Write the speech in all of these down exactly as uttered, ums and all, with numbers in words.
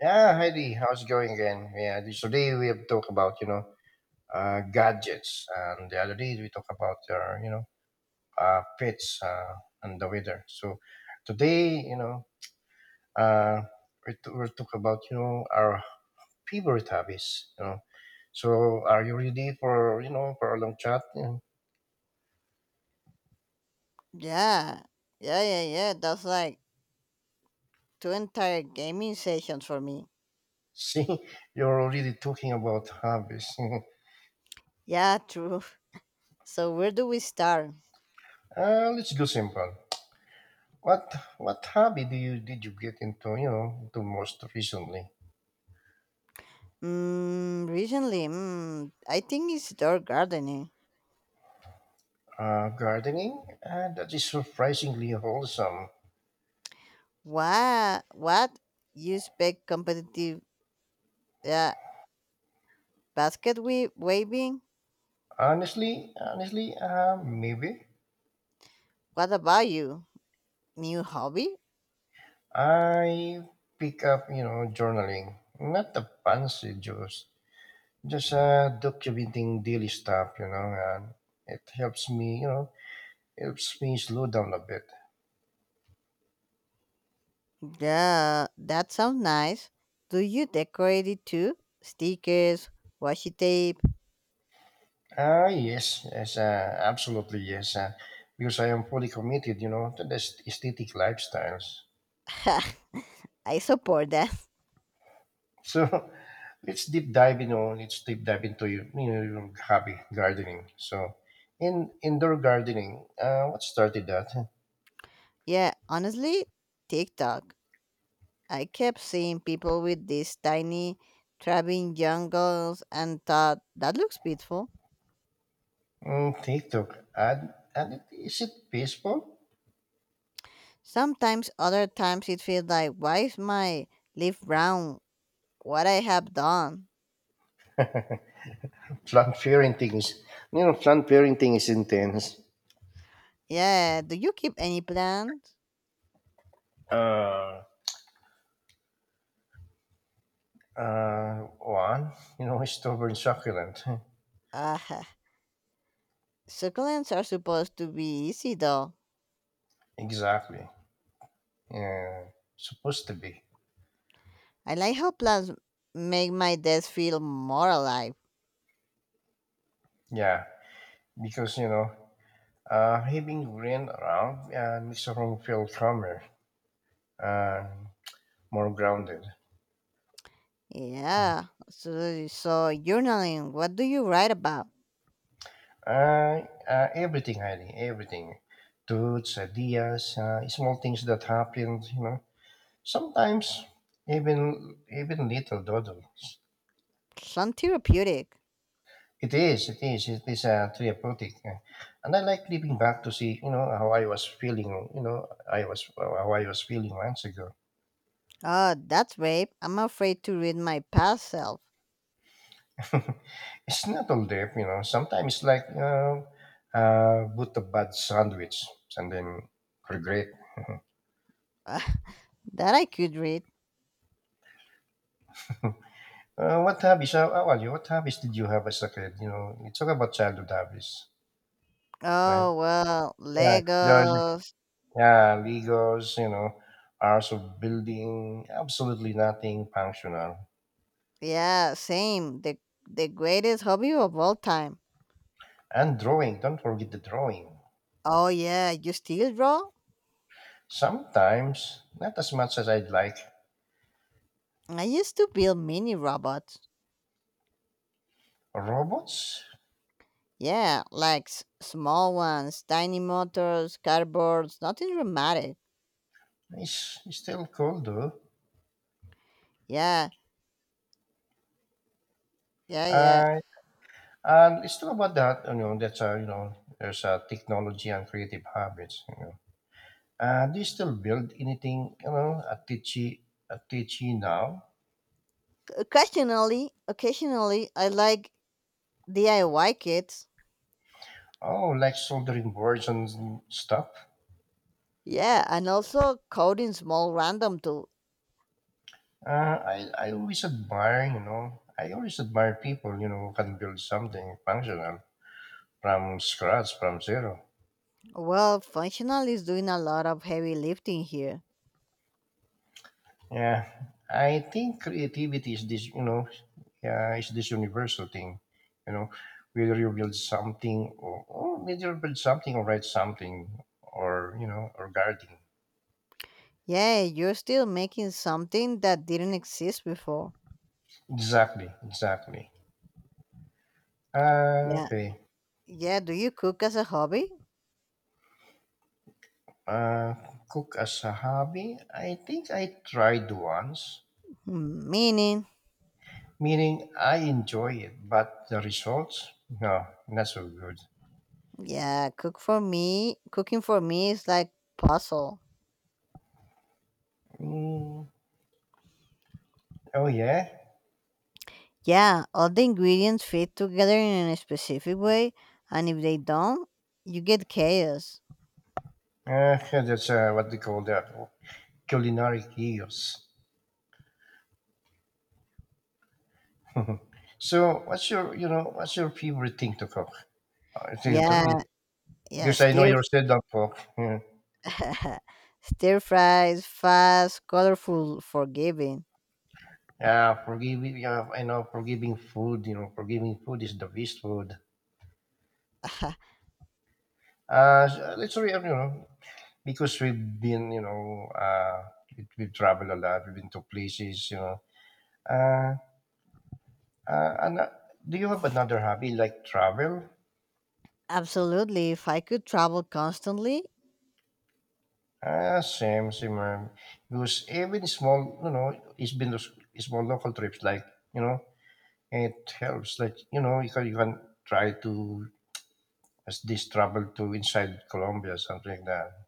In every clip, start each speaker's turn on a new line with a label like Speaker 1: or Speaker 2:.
Speaker 1: Yeah, Heidi, how's it going again? Yeah, this- today we have talked about you know uh, gadgets, and the other day we talked about uh, you know uh, pets, uh, and the weather. So today, you know, uh, we t- we'll talk about you know our favorite hobbies. You know, so are you ready for you know for a long chat? You know,
Speaker 2: Yeah, yeah, yeah, yeah. That's like two entire gaming sessions for me.
Speaker 1: see, you're already talking about hobbies.
Speaker 2: Yeah, true. So where do we start?
Speaker 1: Uh, let's go simple. What what hobby do you did you get into, You know, the most recently?
Speaker 2: Mm, recently, mm, I think it's door gardening.
Speaker 1: Uh, gardening? Uh, that is surprisingly wholesome.
Speaker 2: What? What? You expect competitive? Yeah, basket we- waving.
Speaker 1: Honestly, honestly, uh, maybe.
Speaker 2: What about you? New hobby?
Speaker 1: I pick up, you know, journaling. Not the fancy juice. Just uh, documenting daily stuff, you know, and it helps me, you know, helps me slow down a bit.
Speaker 2: Yeah, that sounds nice. Do you decorate it too? Stickers, washi tape.
Speaker 1: Ah, yes, yes, uh, absolutely, yes. Uh, because I am fully committed, you know, to the aesthetic lifestyles.
Speaker 2: I support that.
Speaker 1: So let's deep dive, you know, let's deep dive into your, you know, your hobby, gardening. So in indoor gardening, uh, what started that?
Speaker 2: Yeah, honestly, TikTok. I kept seeing people with these tiny trapping jungles and thought, that looks beautiful.
Speaker 1: Mm, TikTok. And, and it, is it peaceful?
Speaker 2: Sometimes, other times, it feels like, why is my leaf brown? What I have done?
Speaker 1: Plant parenting is, you know, plant parenting is intense.
Speaker 2: Yeah, do you keep any plants?
Speaker 1: Uh, uh, One, you know, is stubborn succulent.
Speaker 2: Uh, succulents are supposed to be easy though.
Speaker 1: Exactly. Yeah, supposed to be.
Speaker 2: I like how plants make my desk feel more alive.
Speaker 1: Yeah, because you know, uh, having rain around uh, makes the room feel calmer. uh, More grounded.
Speaker 2: Yeah, so, so journaling, what do you write about?
Speaker 1: Uh, uh, everything, Heidi, everything. Truths, ideas, uh, small things that happened, you know. Sometimes even even little dawdles.
Speaker 2: Some therapeutic.
Speaker 1: It is, it is, it is, uh, therapeutic. uh, And I like living back to see, you know, how I was feeling, you know, I was how I was feeling months ago.
Speaker 2: Oh, that's brave. I'm afraid to read my past self.
Speaker 1: It's not all deep, you know. Sometimes it's like, you know, uh, put a bad sandwich and then regret.
Speaker 2: that I could read.
Speaker 1: Uh, what hobbies? Uh, uh, well, you- what hobbies did you have as a kid? You know, you talk about childhood hobbies, right?
Speaker 2: Oh well,
Speaker 1: Yeah. Yeah,
Speaker 2: Legos.
Speaker 1: yeah, Legos, you know, hours of building, absolutely nothing functional.
Speaker 2: Yeah, same. The the greatest hobby of all time.
Speaker 1: And drawing, don't forget the drawing.
Speaker 2: Oh yeah, you still draw?
Speaker 1: Sometimes, not as much as I'd like.
Speaker 2: I used to build mini robots.
Speaker 1: Robots
Speaker 2: Yeah, like s- small ones, tiny motors, cardboards, nothing dramatic.
Speaker 1: is still cool though.
Speaker 2: Yeah, yeah, yeah.
Speaker 1: Uh, and it's still about that, you know, that's, uh, you know, there's uh, technology and creative habits, you know. Uh, do you still build anything, you know, at Teachy, at Teachy now?
Speaker 2: Occasionally, occasionally, I like D I Y kits.
Speaker 1: Oh, like soldering boards and stuff.
Speaker 2: Yeah, and also coding small random tools.
Speaker 1: Uh, I, I always admire, you know, I always admire people, you know, who can build something functional from scratch, from zero.
Speaker 2: Well, functional is doing a lot of heavy lifting here.
Speaker 1: Yeah, I think creativity is this, you know, yeah, is this universal thing, you know, whether you build something or, or whether you build something or write something or, you know, or gardening.
Speaker 2: Yeah, you're still making something that didn't exist before.
Speaker 1: Exactly, exactly. Uh,
Speaker 2: Yeah.
Speaker 1: okay.
Speaker 2: Yeah, do you cook as a hobby?
Speaker 1: Uh, Cook as a hobby. I think I tried once,
Speaker 2: Hmm, meaning,
Speaker 1: meaning I enjoy it, but the results, no, not so good.
Speaker 2: yeah, cook for me. Cooking for me is like puzzle.
Speaker 1: Mm, oh yeah.
Speaker 2: Yeah, all the ingredients fit together in a specific way, and if they don't, you get chaos.
Speaker 1: Uh, that's uh, what they call that culinary chaos. So, what's your, you know, what's your favorite thing to cook? Uh, thing to-
Speaker 2: Yeah,
Speaker 1: eat?
Speaker 2: yeah,
Speaker 1: Because I know
Speaker 2: stir
Speaker 1: you're still don't cook. Yeah.
Speaker 2: stir fries, fast, colorful, forgiving.
Speaker 1: Yeah, forgiving. Yeah, I know forgiving food. You know forgiving food is the best food. Uh, so let's re- you know, because we've been, you know, uh, we, we've traveled a lot. We've been to places, you know. Uh, uh, and, uh, do you have another hobby like travel?
Speaker 2: Absolutely. If I could travel constantly,
Speaker 1: Ah, same, similar. Because even small, you know, it's been those small local trips. Like, you know, it helps. Like, you know, you can, you can try to as this travel to inside Colombia, something like that.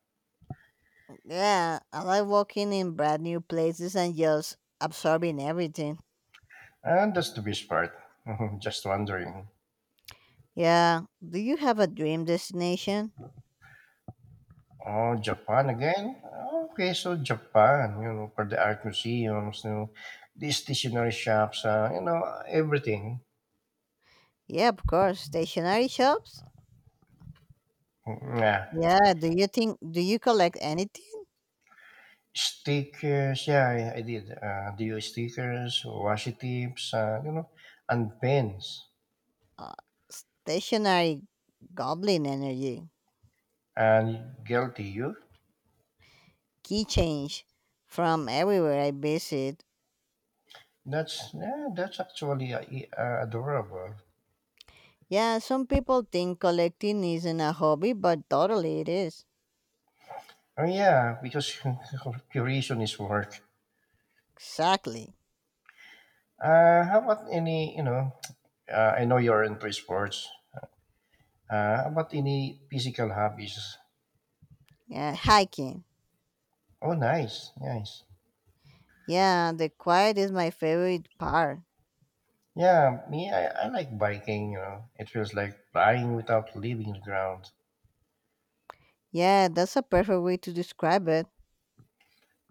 Speaker 2: yeah, I like walking in brand new places and just absorbing everything.
Speaker 1: And that's the best part. Just wandering.
Speaker 2: Yeah. Do you have a dream destination?
Speaker 1: Oh, Japan again? Oh, okay, so Japan, you know, for the art museums, you know, the stationery shops, uh, you know, everything.
Speaker 2: Yeah, of course. Stationery shops?
Speaker 1: Yeah.
Speaker 2: Yeah. Do you think, do you collect anything?
Speaker 1: Stickers, yeah, I, I did. Uh, DO stickers, washi tips, uh, you know, and pens.
Speaker 2: Uh, Stationery goblin energy,
Speaker 1: And guilty you?
Speaker 2: key change from everywhere I visit.
Speaker 1: That's, yeah, that's actually uh, i- uh, adorable.
Speaker 2: Yeah, some people think collecting isn't a hobby, but totally it is.
Speaker 1: Oh, yeah, because curation is work.
Speaker 2: Exactly.
Speaker 1: Uh, how about any, you know, uh, I know you're into sports. Uh, how about any physical hobbies?
Speaker 2: Yeah, hiking.
Speaker 1: Oh, nice, nice.
Speaker 2: Yeah, the quiet is my favorite part.
Speaker 1: Yeah, me, I, I like biking, you know. It feels like flying without leaving the ground.
Speaker 2: Yeah, that's a perfect way to describe it.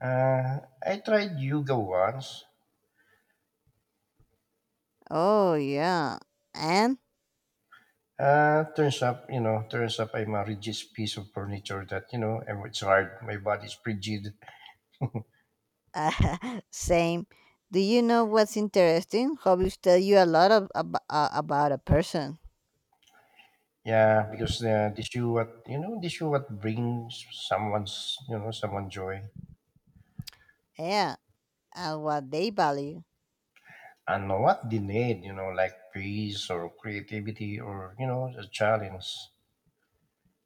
Speaker 1: Uh, I tried yoga once.
Speaker 2: Oh, yeah. And?
Speaker 1: Uh, turns up, you know, turns up I'm a rigid piece of furniture that, you know, and it's hard. My body's frigid.
Speaker 2: Same. Do you know what's interesting? Hobbies tell you a lot of, ab- uh, about a person.
Speaker 1: Yeah, because uh, this you what, you know, this you what brings someone's, you know, someone joy.
Speaker 2: Yeah, and what they value.
Speaker 1: And what they need, you know, like peace or creativity or, you know, a challenge.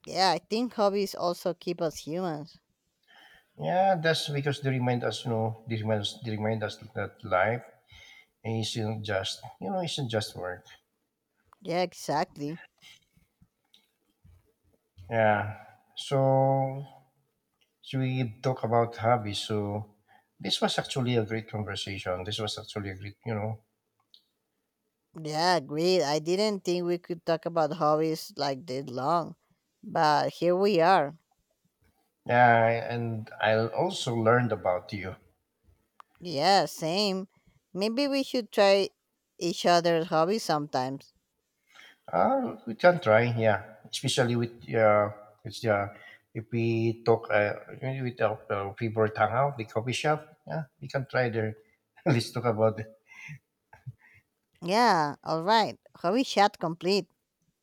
Speaker 2: Yeah, I think hobbies also keep us humans.
Speaker 1: Yeah, that's because they remind us, you know, they remind us, they remind us that life isn't just, you know, isn't just work.
Speaker 2: Yeah, exactly.
Speaker 1: Yeah. So, so we talk about hobbies. So, this was actually a great conversation. This was actually a great, you know.
Speaker 2: Yeah, agreed. I didn't think we could talk about hobbies like this long, but here we are.
Speaker 1: Yeah, and I also learned about you.
Speaker 2: Yeah, same. Maybe we should try each other's hobbies sometimes.
Speaker 1: Uh, we can try, yeah. Especially with, uh, with uh, if we talk uh, with our uh, favorite hangout, the coffee shop, yeah, we can try there. Let's talk about.
Speaker 2: Yeah, all right. Hobby chat complete.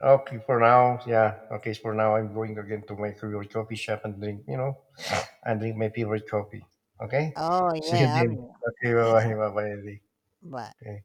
Speaker 1: Okay, for now, yeah. Okay, for now, I'm going again to my favorite coffee shop and drink, you know, and drink my favorite coffee. Okay?
Speaker 2: Oh,
Speaker 1: See you
Speaker 2: yeah,
Speaker 1: then.
Speaker 2: obviously.
Speaker 1: Okay, bye bye, bye bye
Speaker 2: Bye.
Speaker 1: Okay.